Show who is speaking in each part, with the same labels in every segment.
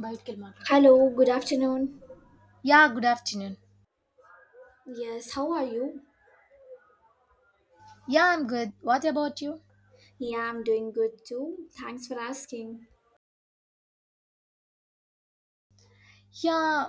Speaker 1: By Kilmarnock.
Speaker 2: Hello, good afternoon.
Speaker 1: Yeah, good afternoon.
Speaker 2: Yes, how are you?
Speaker 1: Yeah, I'm good. What about you?
Speaker 2: Yeah, I'm doing good too. Thanks for asking.
Speaker 1: Yeah,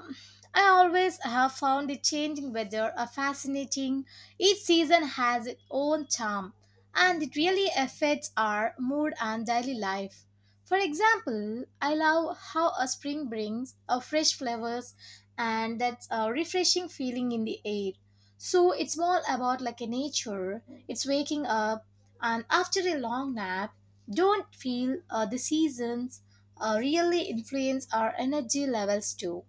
Speaker 1: I always have found the changing weather a fascinating. Each season has its own charm, and it really affects our mood and daily life. For example, I love how a spring brings a fresh flowers and that's a refreshing feeling in the air. So it's more about like a nature. It's waking up and after a long nap, don't feel the seasons really influence our energy levels too.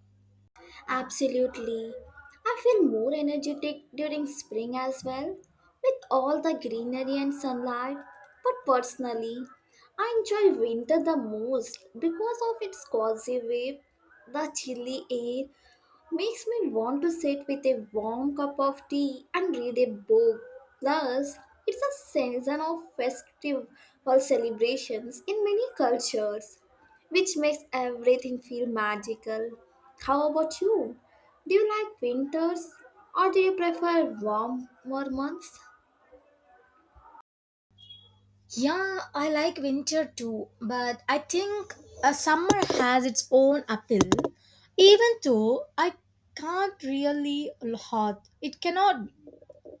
Speaker 2: Absolutely. I feel more energetic during spring as well, with all the greenery and sunlight. But personally, I enjoy winter the most because of its cozy wave, the chilly air, makes me want to sit with a warm cup of tea and read a book. Thus, it's a season of festive or celebrations in many cultures, which makes everything feel magical. How about you? Do you like winters or do you prefer warmer months?
Speaker 1: Yeah, I like winter too, but I think a summer has its own appeal. Even though I can't really hot, it cannot.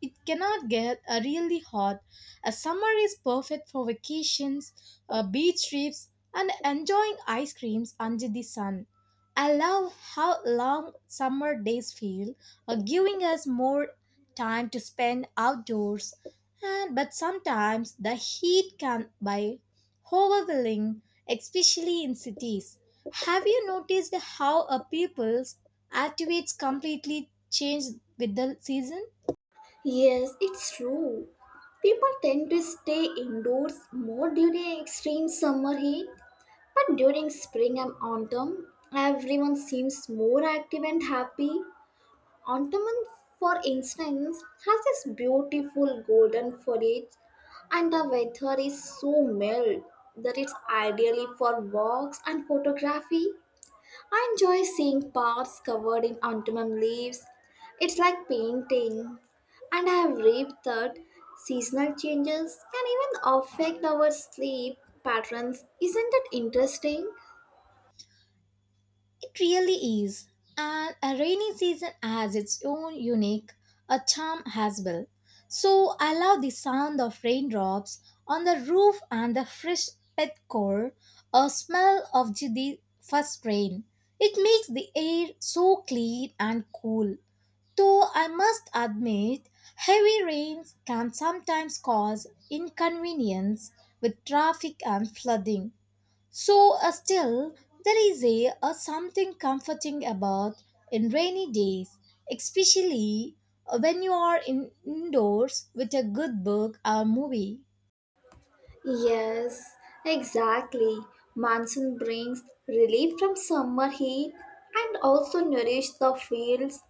Speaker 1: It cannot get really hot. A summer is perfect for vacations, beach trips, and enjoying ice creams under the sun. I love how long summer days feel, giving us more time to spend outdoors. And but sometimes the heat can be overwhelming, especially in cities. Have you noticed how a people's attitudes completely change with the season?
Speaker 2: Yes, it's true. People tend to stay indoors more during extreme summer heat, but during spring and autumn, everyone seems more active and happy. Autumn, for instance, has this beautiful golden foliage, and the weather is so mild that it's ideally for walks and photography. I enjoy seeing parks covered in autumn leaves. It's like painting, and I have read that seasonal changes can even affect our sleep patterns. Isn't it interesting?
Speaker 1: It really is, and a rainy season has its own unique a charm as well. So I love the sound of raindrops on the roof and the fresh pet core, a smell of the first rain. It makes the air so clean and cool. Though I must admit, heavy rains can sometimes cause inconvenience with traffic and flooding. So, still, there is a something comforting about in rainy days, especially when you are in indoors with a good book or movie.
Speaker 2: Yes, exactly. Monsoon brings relief from summer heat and also nourish the fields,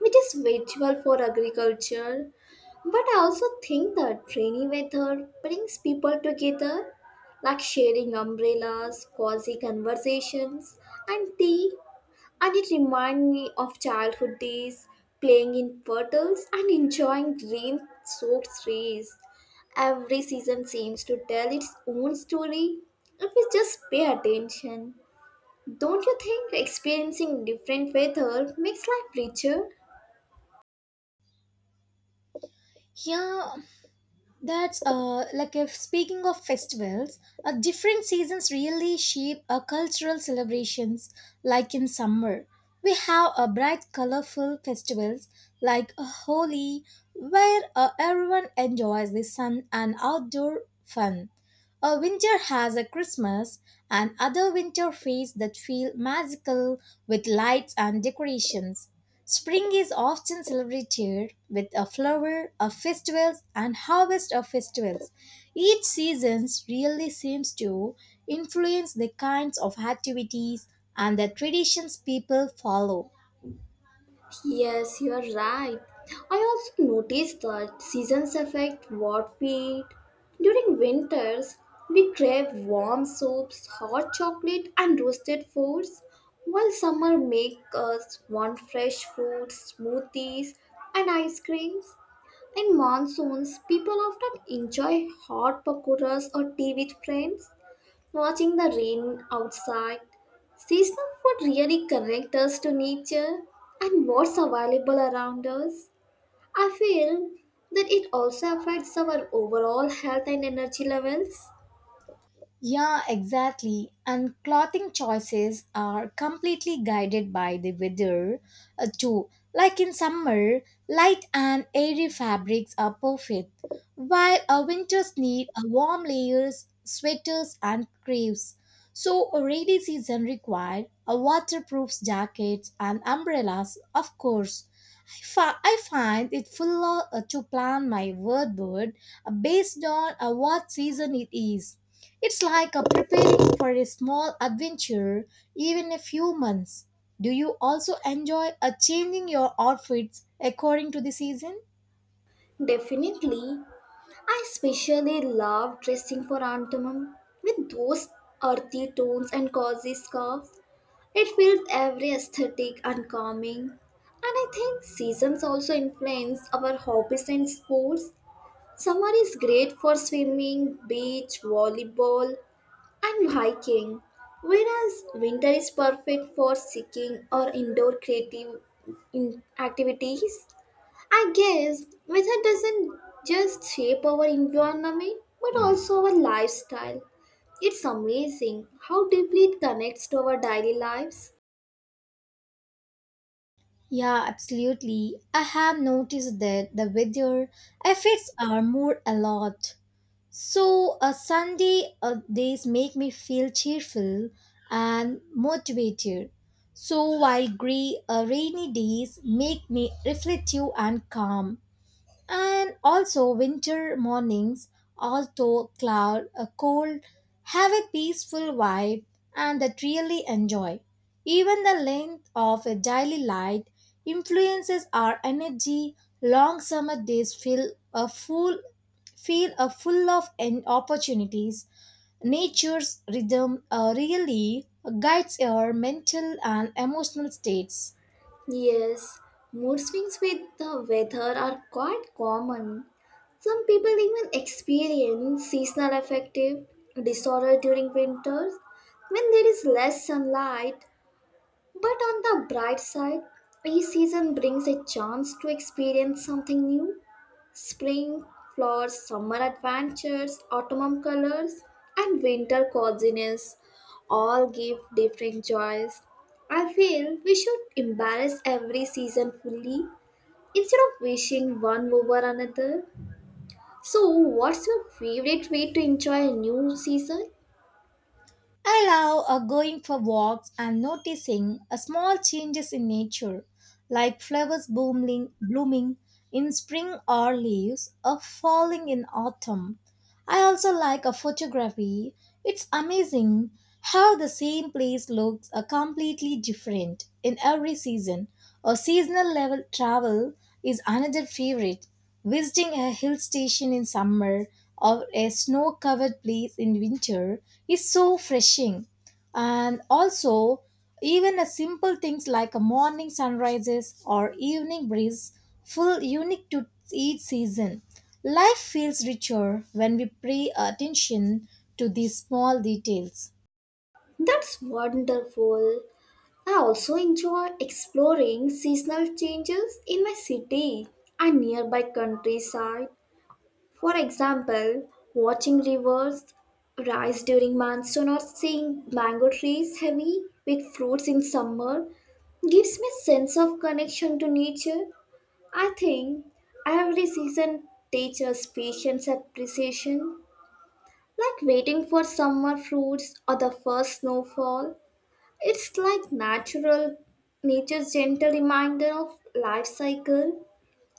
Speaker 2: which is vital for agriculture. But I also think that rainy weather brings people together, like sharing umbrellas, cozy conversations, and tea and it reminded me of childhood days, playing in puddles and enjoying rain soaked trees. Every season seems to tell its own story if we just pay attention. Don't you think experiencing different weather makes life richer?
Speaker 1: Yeah, that's like if speaking of festivals, different seasons really shape our cultural celebrations. Like in summer, we have a bright, colorful festivals like Holi, where everyone enjoys the sun and outdoor fun. A winter has a Christmas, and other winter feasts that feel magical with lights and decorations. Spring is often celebrated with a flower of festivals and harvest of festivals. Each season really seems to influence the kinds of activities and the traditions people follow.
Speaker 2: Yes, you are right. I also noticed that seasons affect what we eat. During winters, we crave warm soups, hot chocolate, and roasted foods, while summer make us want fresh fruits, smoothies, and ice creams. In monsoons, people often enjoy hot pakoras or tea with friends. Watching the rain outside, seasonal food really connect us to nature and what's available around us. I feel that it also affects our overall health and energy levels.
Speaker 1: Yeah, exactly. And clothing choices are completely guided by the weather, too. Like in summer, light and airy fabrics are perfect, while our winters need a warm layers, sweaters, and creams. So, a rainy season required a waterproof jackets and umbrellas, of course. I find it fuller to plan my wardrobe based on what season it is it's like a preparing for a small adventure, even a few months. Do you also enjoy a changing your outfits according to the season?
Speaker 2: Definitely, I especially love dressing for autumn with those earthy tones and cozy scarves. It feels every aesthetic and calming. And I think seasons also influence our hobbies and sports. Summer is great for swimming, beach, volleyball, and hiking, whereas winter is perfect for seeking or indoor creative activities. I guess weather doesn't just shape our environment but also our lifestyle. It's amazing how deeply it connects to our daily lives.
Speaker 1: Yeah, absolutely. I have noticed that the weather affects our mood a lot. So, a Sunday days make me feel cheerful and motivated. So, while gray, rainy days make me reflective and calm. And also winter mornings, although cloud, cold, have a peaceful vibe and that really enjoy. Even the length of a daily light influences our energy. Long summer days feel a full of opportunities. Nature's rhythm really guides our mental and emotional states.
Speaker 2: Yes, mood swings with the weather are quite common. Some people even experience seasonal affective disorder during winters when there is less sunlight. But on the bright side, each season brings a chance to experience something new. Spring flowers, summer adventures, autumn colors, and winter coziness all give different joys. I feel we should embrace every season fully instead of wishing one over another. So, what's your favorite way to enjoy a new season?
Speaker 1: I love going for walks and noticing small changes in nature, like flowers blooming in spring or leaves falling in autumn. I also like a photography. It's amazing how the same place looks completely different in every season. A seasonal level travel is another favorite. Visiting a hill station in summer or a snow covered place in winter is so refreshing. And also, even a simple things like a morning sunrises or evening breeze feel unique to each season. Life feels richer when we pay attention to these small details.
Speaker 2: That's wonderful. I also enjoy exploring seasonal changes in my city and nearby countryside. For example, watching rivers rise during monsoon or seeing mango trees heavy with fruits in summer gives me a sense of connection to nature. I think every season teaches patience and appreciation, like waiting for summer fruits or the first snowfall. It's like natural nature's gentle reminder of life cycle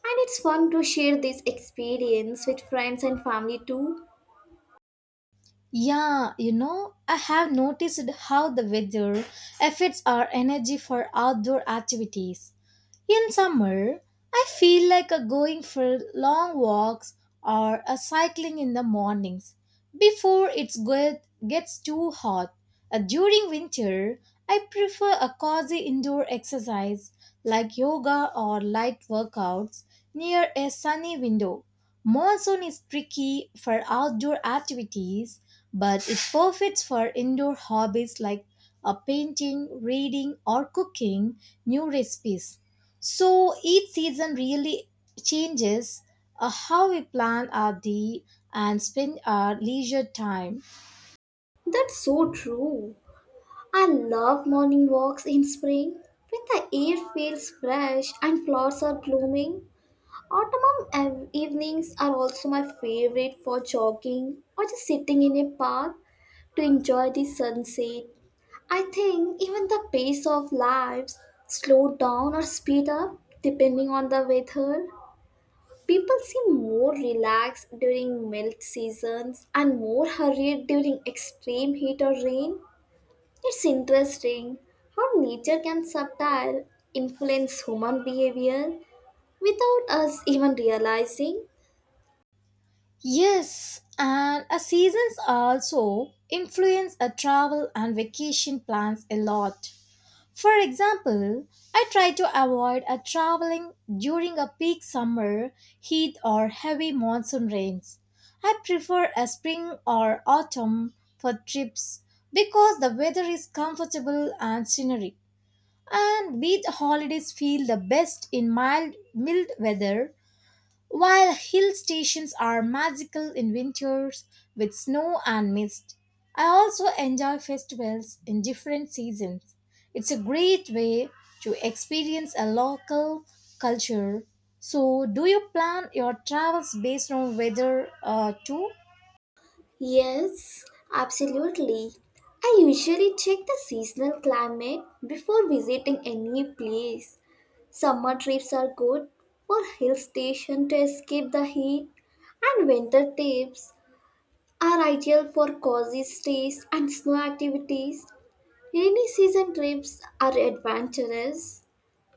Speaker 2: and it's fun to share this experience with friends and family too.
Speaker 1: Yeah, you know, I have noticed how the weather affects our energy for outdoor activities. In summer, I feel like a going for long walks or a cycling in the mornings before it gets too hot. During winter, I prefer a cozy indoor exercise like yoga or light workouts near a sunny window. Monsoon is tricky for outdoor activities, but it perfect for indoor hobbies like a painting, reading, or cooking new recipes. So each season really changes how we plan our day and spend our leisure time.
Speaker 2: That's so true. I love morning walks in spring when the air feels fresh and flowers are blooming. Autumn evenings are also my favorite for jogging or just sitting in a park to enjoy the sunset. I think even the pace of lives slow down or speed up depending on the weather. People seem more relaxed during melt seasons and more hurried during extreme heat or rain. It's interesting how nature can subtly influence human behavior without us even realizing.
Speaker 1: Yes, and a seasons also influence a travel and vacation plans a lot. For example, I try to avoid a traveling during a peak summer heat or heavy monsoon rains. I prefer a spring or autumn for trips because the weather is comfortable and scenery. And beach holidays feel the best in mild weather, while hill stations are magical in winters with snow and mist. I also enjoy festivals in different seasons. It's a great way to experience a local culture. So, do you plan your travels based on weather too?
Speaker 2: Yes, absolutely. I usually check the seasonal climate before visiting any place. Summer trips are good for hill station to escape the heat, and winter trips are ideal for cozy stays and snow activities. Rainy season trips are adventurous,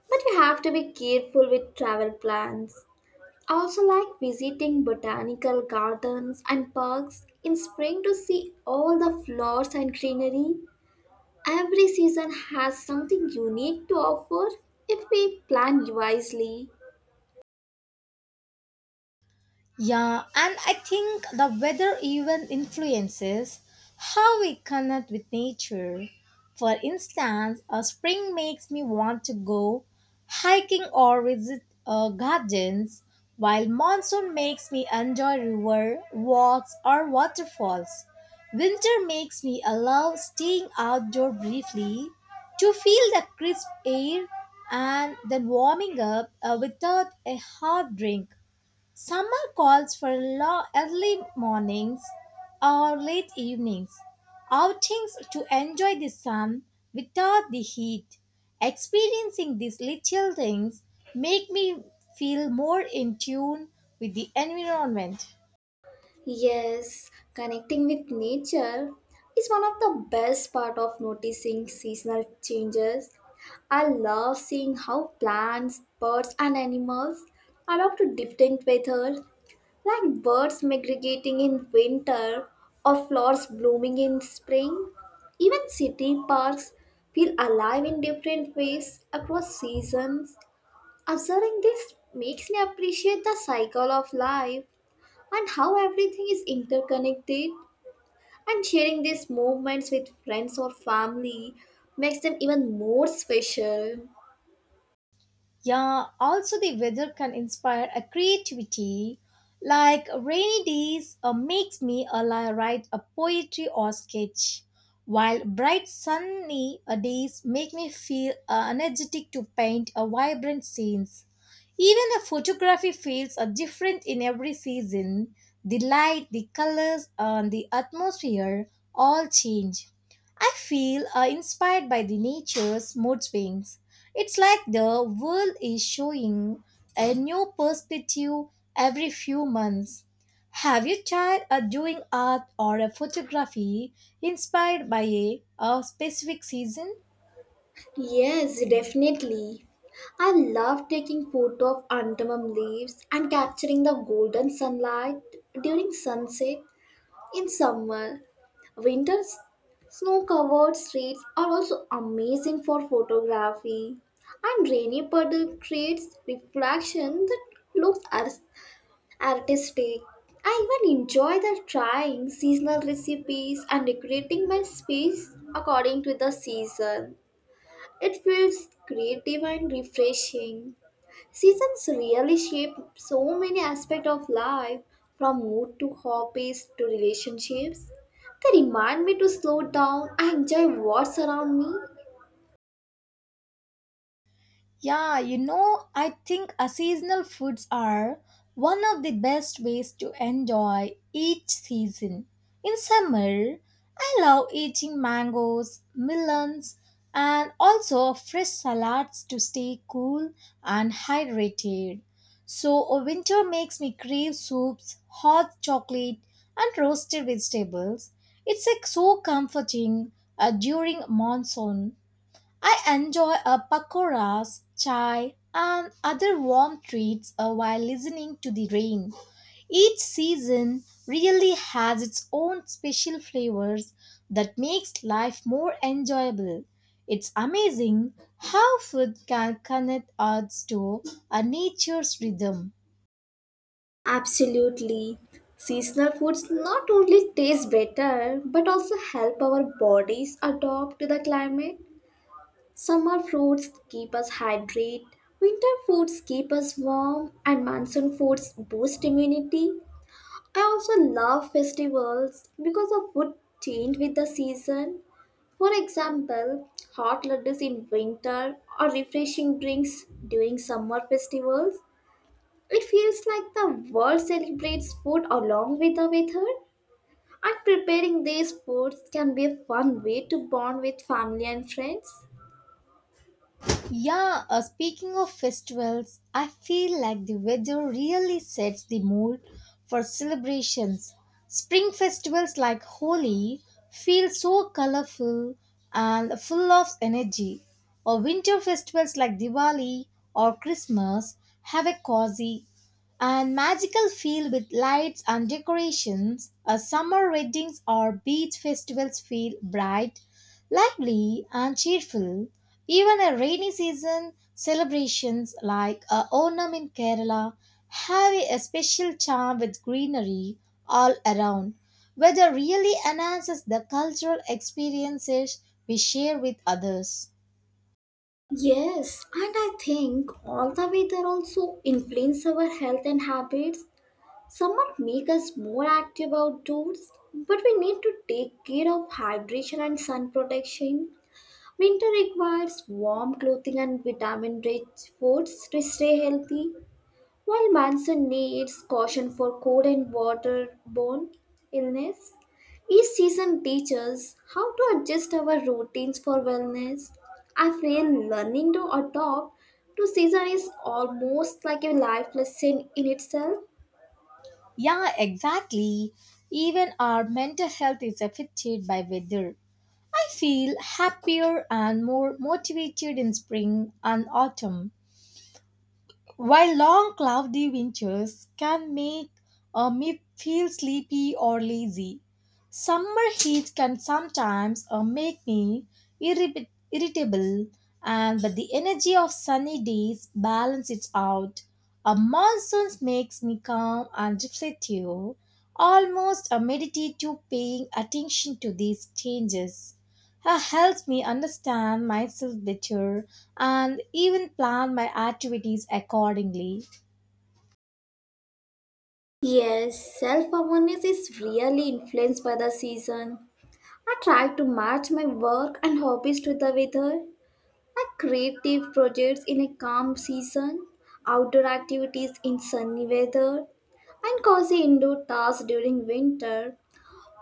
Speaker 2: but you have to be careful with travel plans. I also like visiting botanical gardens and parks in spring to see all the flowers and greenery. Every season has something unique to offer if we plan wisely.
Speaker 1: Yeah, and I think the weather even influences how we connect with nature. For instance, a spring makes me want to go hiking or visit gardens, while monsoon makes me enjoy river walks or waterfalls. Winter makes me allow staying outdoor briefly to feel the crisp air and then warming up without a hard drink. Summer calls for early mornings or late evenings, outings to enjoy the sun without the heat. Experiencing these little things make me feel more in tune with the environment.
Speaker 2: Yes, connecting with nature is one of the best part of noticing seasonal changes. I love seeing how plants, birds, and animals adapt to different weather, like birds migrating in winter or flowers blooming in spring, even city parks feel alive in different ways across seasons. Observing this makes me appreciate the cycle of life and how everything is interconnected. And sharing these moments with friends or family makes them even more special.
Speaker 1: Yeah, also the weather can inspire a creativity. Like rainy days makes me write a poetry or sketch, while bright sunny days make me feel energetic to paint a vibrant scenes. Even the photography fields are different in every season. The light, the colors, and the atmosphere all change. I feel inspired by the nature's mood swings. It's like the world is showing a new perspective every few months. Have you tried doing art or a photography inspired by a specific season?
Speaker 2: Yes, definitely. I love taking photo of antamum leaves and capturing the golden sunlight during sunset in summer. Winter's snow-covered streets are also amazing for photography. And rainy puddle creates reflection that looks artistic. I even enjoy the trying seasonal recipes and decorating my space according to the season. It feels creative and refreshing. Seasons really shape so many aspects of life, from mood to hobbies to relationships. They remind me to slow down and enjoy what's around me.
Speaker 1: Yeah, you know, I think a seasonal foods are one of the best ways to enjoy each season. In summer, I love eating mangoes, melons, and also fresh salads to stay cool and hydrated. So, winter makes me crave soups, hot chocolate, and roasted vegetables. It's like so comforting during monsoon I enjoy a pakoras, chai, and other warm treats while listening to the rain. Each season really has its own special flavors that makes life more enjoyable. It's amazing how food can connect us to a nature's rhythm.
Speaker 2: Absolutely. Seasonal foods not only taste better but also help our bodies adapt to the climate. Summer fruits keep us hydrated, winter foods keep us warm, and monsoon foods boost immunity. I also love festivals because the food change with the season. For example, hot laddus in winter or refreshing drinks during summer festivals. It feels like the world celebrates food along with the weather. And preparing these foods can be a fun way to bond with family and friends.
Speaker 1: Yeah, speaking of festivals, I feel like the weather really sets the mood for celebrations. Spring festivals like Holi feel so colorful and full of energy, or winter festivals like Diwali or Christmas have a cozy and magical feel with lights and decorations. A summer weddings or beach festivals feel bright lively and cheerful, even a rainy season celebrations like a Onam in Kerala have a special charm with greenery all around, weather really enhances the cultural experiences we share with others.
Speaker 2: Yes, and I think all the weather also influence our health and habits. Summer might make us more active outdoors, but we need to take care of hydration and sun protection. Winter requires warm clothing and vitamin rich foods to stay healthy, while monsoon needs caution for cold and waterborne illness. Each season teaches how to adjust our routines for wellness. I feel learning to adopt to season is almost like a life lesson in itself.
Speaker 1: Yeah, exactly. Even our mental health is affected by weather. I feel happier and more motivated in spring and autumn while long cloudy winters can make me feel sleepy or lazy, summer heat can sometimes make me irritable and but the energy of sunny days balance it out. A monsoon makes me calm and reflective, almost a meditative paying attention to these changes helps me understand myself better and even plan my activities accordingly.
Speaker 2: Yes, self awareness is really influenced by the season. I try to match my work and hobbies to the weather. I creative projects in a calm season, outdoor activities in sunny weather, and cozy indoor tasks during winter.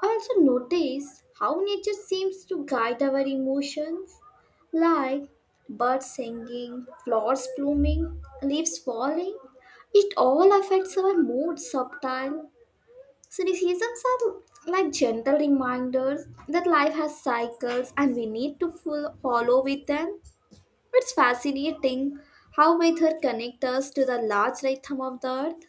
Speaker 2: I also notice how nature seems to guide our emotions, like birds singing, flowers blooming, leaves falling. It all affects our mood subtle. Criticisms are like gentle reminders that life has cycles and we need to full follow with them. It's fascinating how weather connects us to the large rhythm of the earth.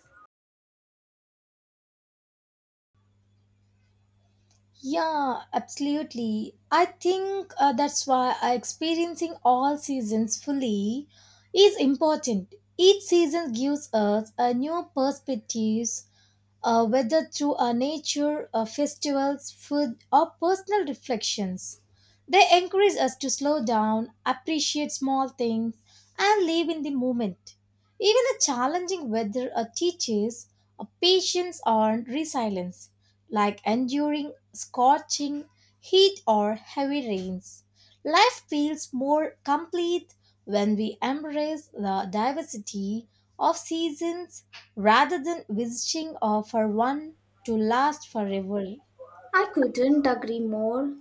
Speaker 1: Yeah, absolutely. I think that's why experiencing all seasons fully is important. Each season gives us a new perspective whether through our nature, our festivals, food, or personal reflections. They encourage us to slow down, appreciate small things, and live in the moment. Even the challenging weather teaches patience and resilience like enduring scorching heat or heavy rains. Life feels more complete when we embrace the diversity of seasons rather than wishing for one to last forever.
Speaker 2: I couldn't agree more.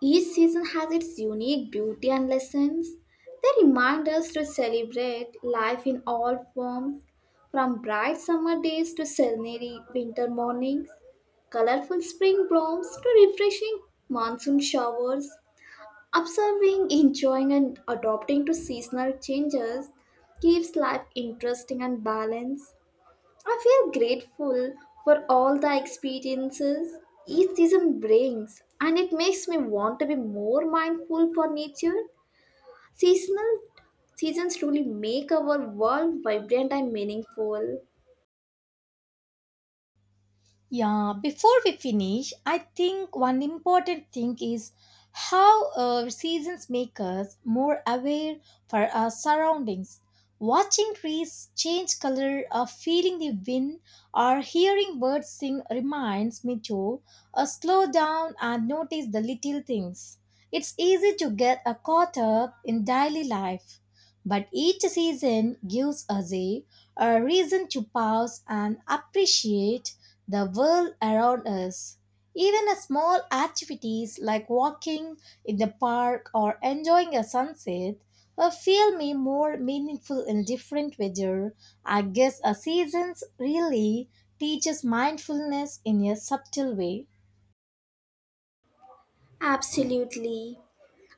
Speaker 2: Each season has its unique beauty and lessons. They remind us to celebrate life in all forms, from bright summer days to serenity winter mornings, colorful spring blooms to refreshing monsoon showers. Observing, enjoying, and adapting to seasonal changes keeps life interesting and balanced. I feel grateful for all the experiences each season brings, and it makes me want to be more mindful for nature. Seasonal seasons truly make our world vibrant and meaningful.
Speaker 1: Yeah, before we finish, I think one important thing is how seasons make us more aware for our surroundings. Watching trees change color, or feeling the wind, or hearing birds sing reminds me to slow down and notice the little things. It's easy to get caught up in daily life. But each season gives us a reason to pause and appreciate the world around us. Even a small activities like walking in the park or enjoying a sunset feel me more meaningful in different weather. I guess a seasons really teaches mindfulness in a subtle way.
Speaker 2: Absolutely.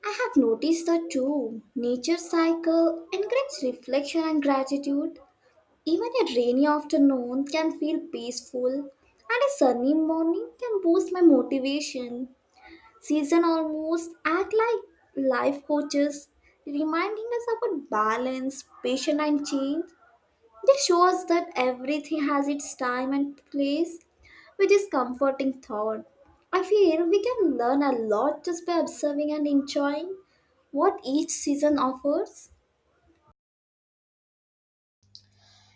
Speaker 2: I have noticed that too. Nature cycle encourages reflection and gratitude. Even a rainy afternoon can feel peaceful, and a sunny morning can boost my motivation. Season almost act like life coaches, reminding us about balance, patience, and change. They show us that everything has its time and place, which is comforting thought. I feel we can learn a lot just by observing and enjoying what each season offers.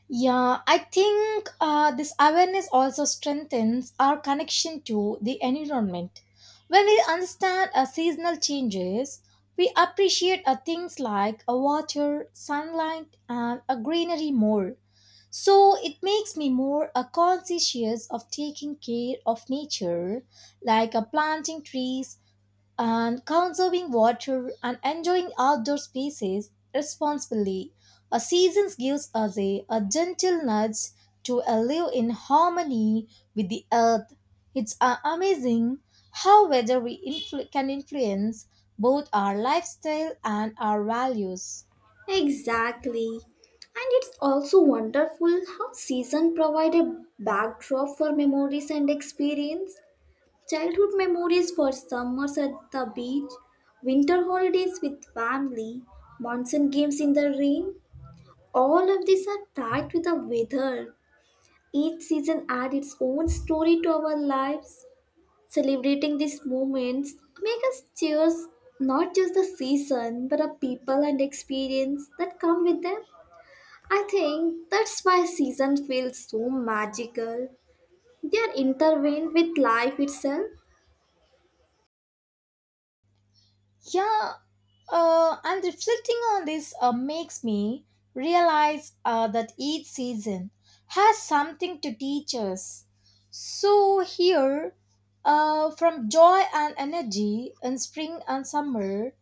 Speaker 1: Yeah, I think this awareness also strengthens our connection to the environment. When we understand seasonal changes, we appreciate things like water, sunlight, and greenery more. So it makes me more conscious of taking care of nature, like planting trees and conserving water and enjoying outdoor spaces responsibly. A season gives us a gentle nudge to live in harmony with the earth. It's amazing how weather can influence both our lifestyle and our values.
Speaker 2: Exactly. And it's also wonderful how season provide a backdrop for memories and experience. Childhood memories for summers at the beach, winter holidays with family, monsoon games in the rain. All of these are tied with the weather. Each season adds its own story to our lives. Celebrating these moments make us cherish not just the season but the people and experience that come with them. I think that's why seasons feel so magical. They are intertwined with life itself.
Speaker 1: Yeah, and reflecting on this makes me realize that each season has something to teach us. So, here, from joy and energy in spring and summer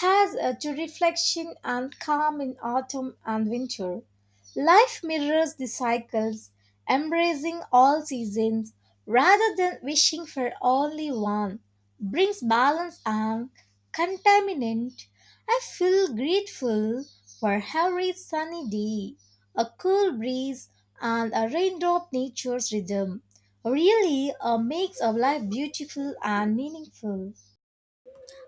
Speaker 1: has to reflection and calm in autumn and winter. Life mirrors the cycles, embracing all seasons rather than wishing for only one, brings balance and contaminant. I feel grateful for every sunny day, a cool breeze, and a raindrop nature's rhythm. Really makes our life beautiful and meaningful.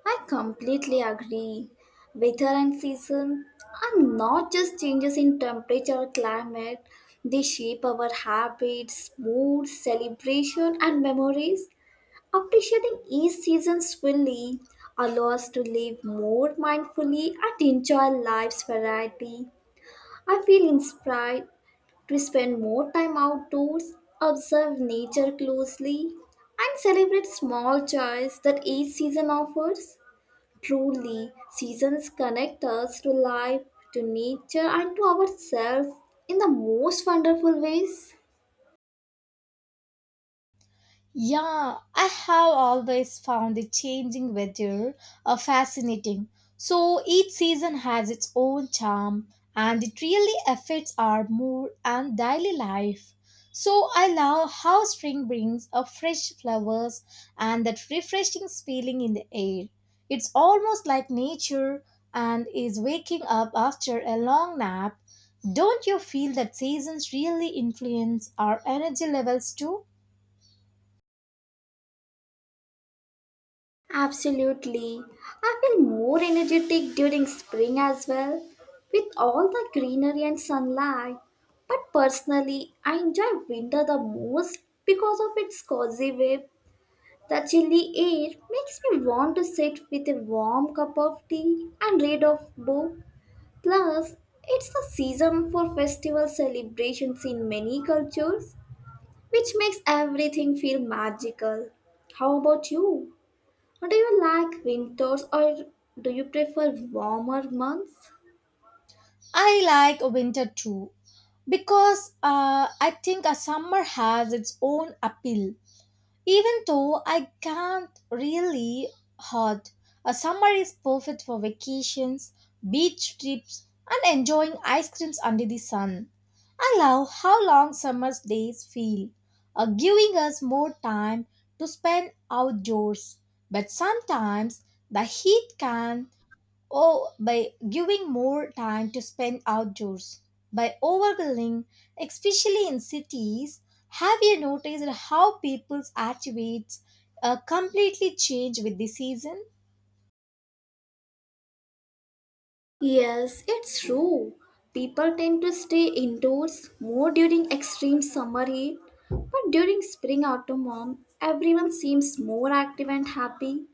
Speaker 2: I completely agree. Weather and season are not just changes in temperature or climate. They shape our habits, mood, celebration, and memories. Appreciating each season fully allows us to live more mindfully and enjoy life's variety. I feel inspired to spend more time outdoors, observe nature closely, and celebrate small joys that each season offers. Truly, seasons connect us to life, to nature, and to ourselves in the most wonderful ways.
Speaker 1: Yeah, I have always found the changing weather fascinating. So each season has its own charm and it really affects our mood and daily life. So I love how spring brings a fresh flowers and that refreshing feeling in the air. It's almost like nature and is waking up after a long nap. Don't you feel that seasons really influence our energy levels too?
Speaker 2: Absolutely. I feel more energetic during spring as well, with all the greenery and sunlight. But personally, I enjoy winter the most because of its cozy web. The chilly air makes me want to sit with a warm cup of tea and read of book. Plus, it's the season for festival celebrations in many cultures, which makes everything feel magical. How about you? Do you like winters or do you prefer warmer months?
Speaker 1: I like winter too because I think a summer has its own appeal. Even though I can't really hot, a summer is perfect for vacations, beach trips, and enjoying ice creams under the sun. I love how long summer's days feel, giving us more time to spend outdoors. But sometimes the heat can or by giving more time to spend outdoors. By overgrilling, especially in cities, have you noticed how people's attitudes completely change with the season?
Speaker 2: Yes, it's true. People tend to stay indoors more during extreme summer heat, but during spring autumn, everyone seems more active and happy.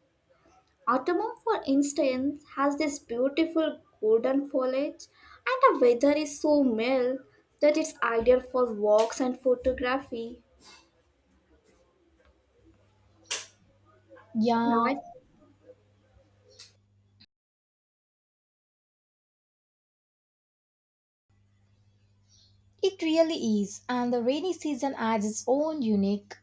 Speaker 2: Autumn, for instance, has this beautiful golden foliage, and the weather is so mild that it's ideal for walks and photography.
Speaker 1: Yeah,
Speaker 2: Right?
Speaker 1: it really is, and the rainy season adds its own unique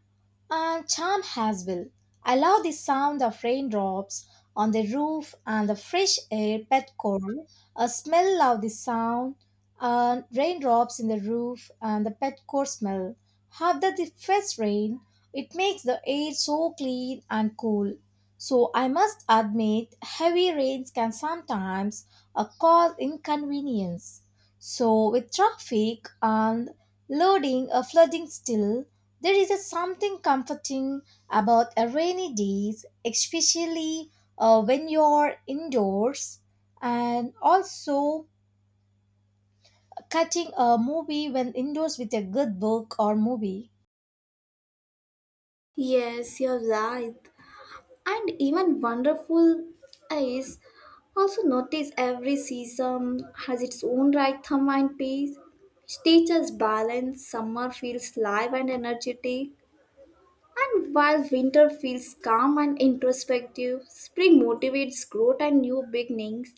Speaker 1: and charm as well. I love the sound of raindrops on the roof and the fresh air pet coral. A smell of the sound and raindrops in the roof and the pet coral smell. After the first rain, it makes the air so clean and cool. So I must admit, heavy rains can sometimes cause inconvenience. So, with traffic and loading a flooding still, there is a something comforting about a rainy days, especially when you're indoors and also cutting a movie when indoors with a good book or movie.
Speaker 2: Yes, you're right. And even wonderful is also notice every season has its own rhythm and pace, which teaches balance. Summer feels live and energetic, and while winter feels calm and introspective, spring motivates growth and new beginnings,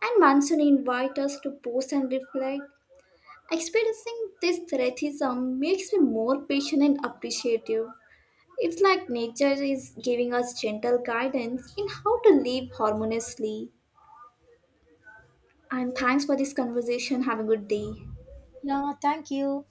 Speaker 2: and monsoon invites us to pause and reflect. Experiencing this thriftism makes me more patient and appreciative. It's like nature is giving us gentle guidance in how to live harmoniously. And thanks for this conversation. Have a good day.
Speaker 1: Yeah, thank you.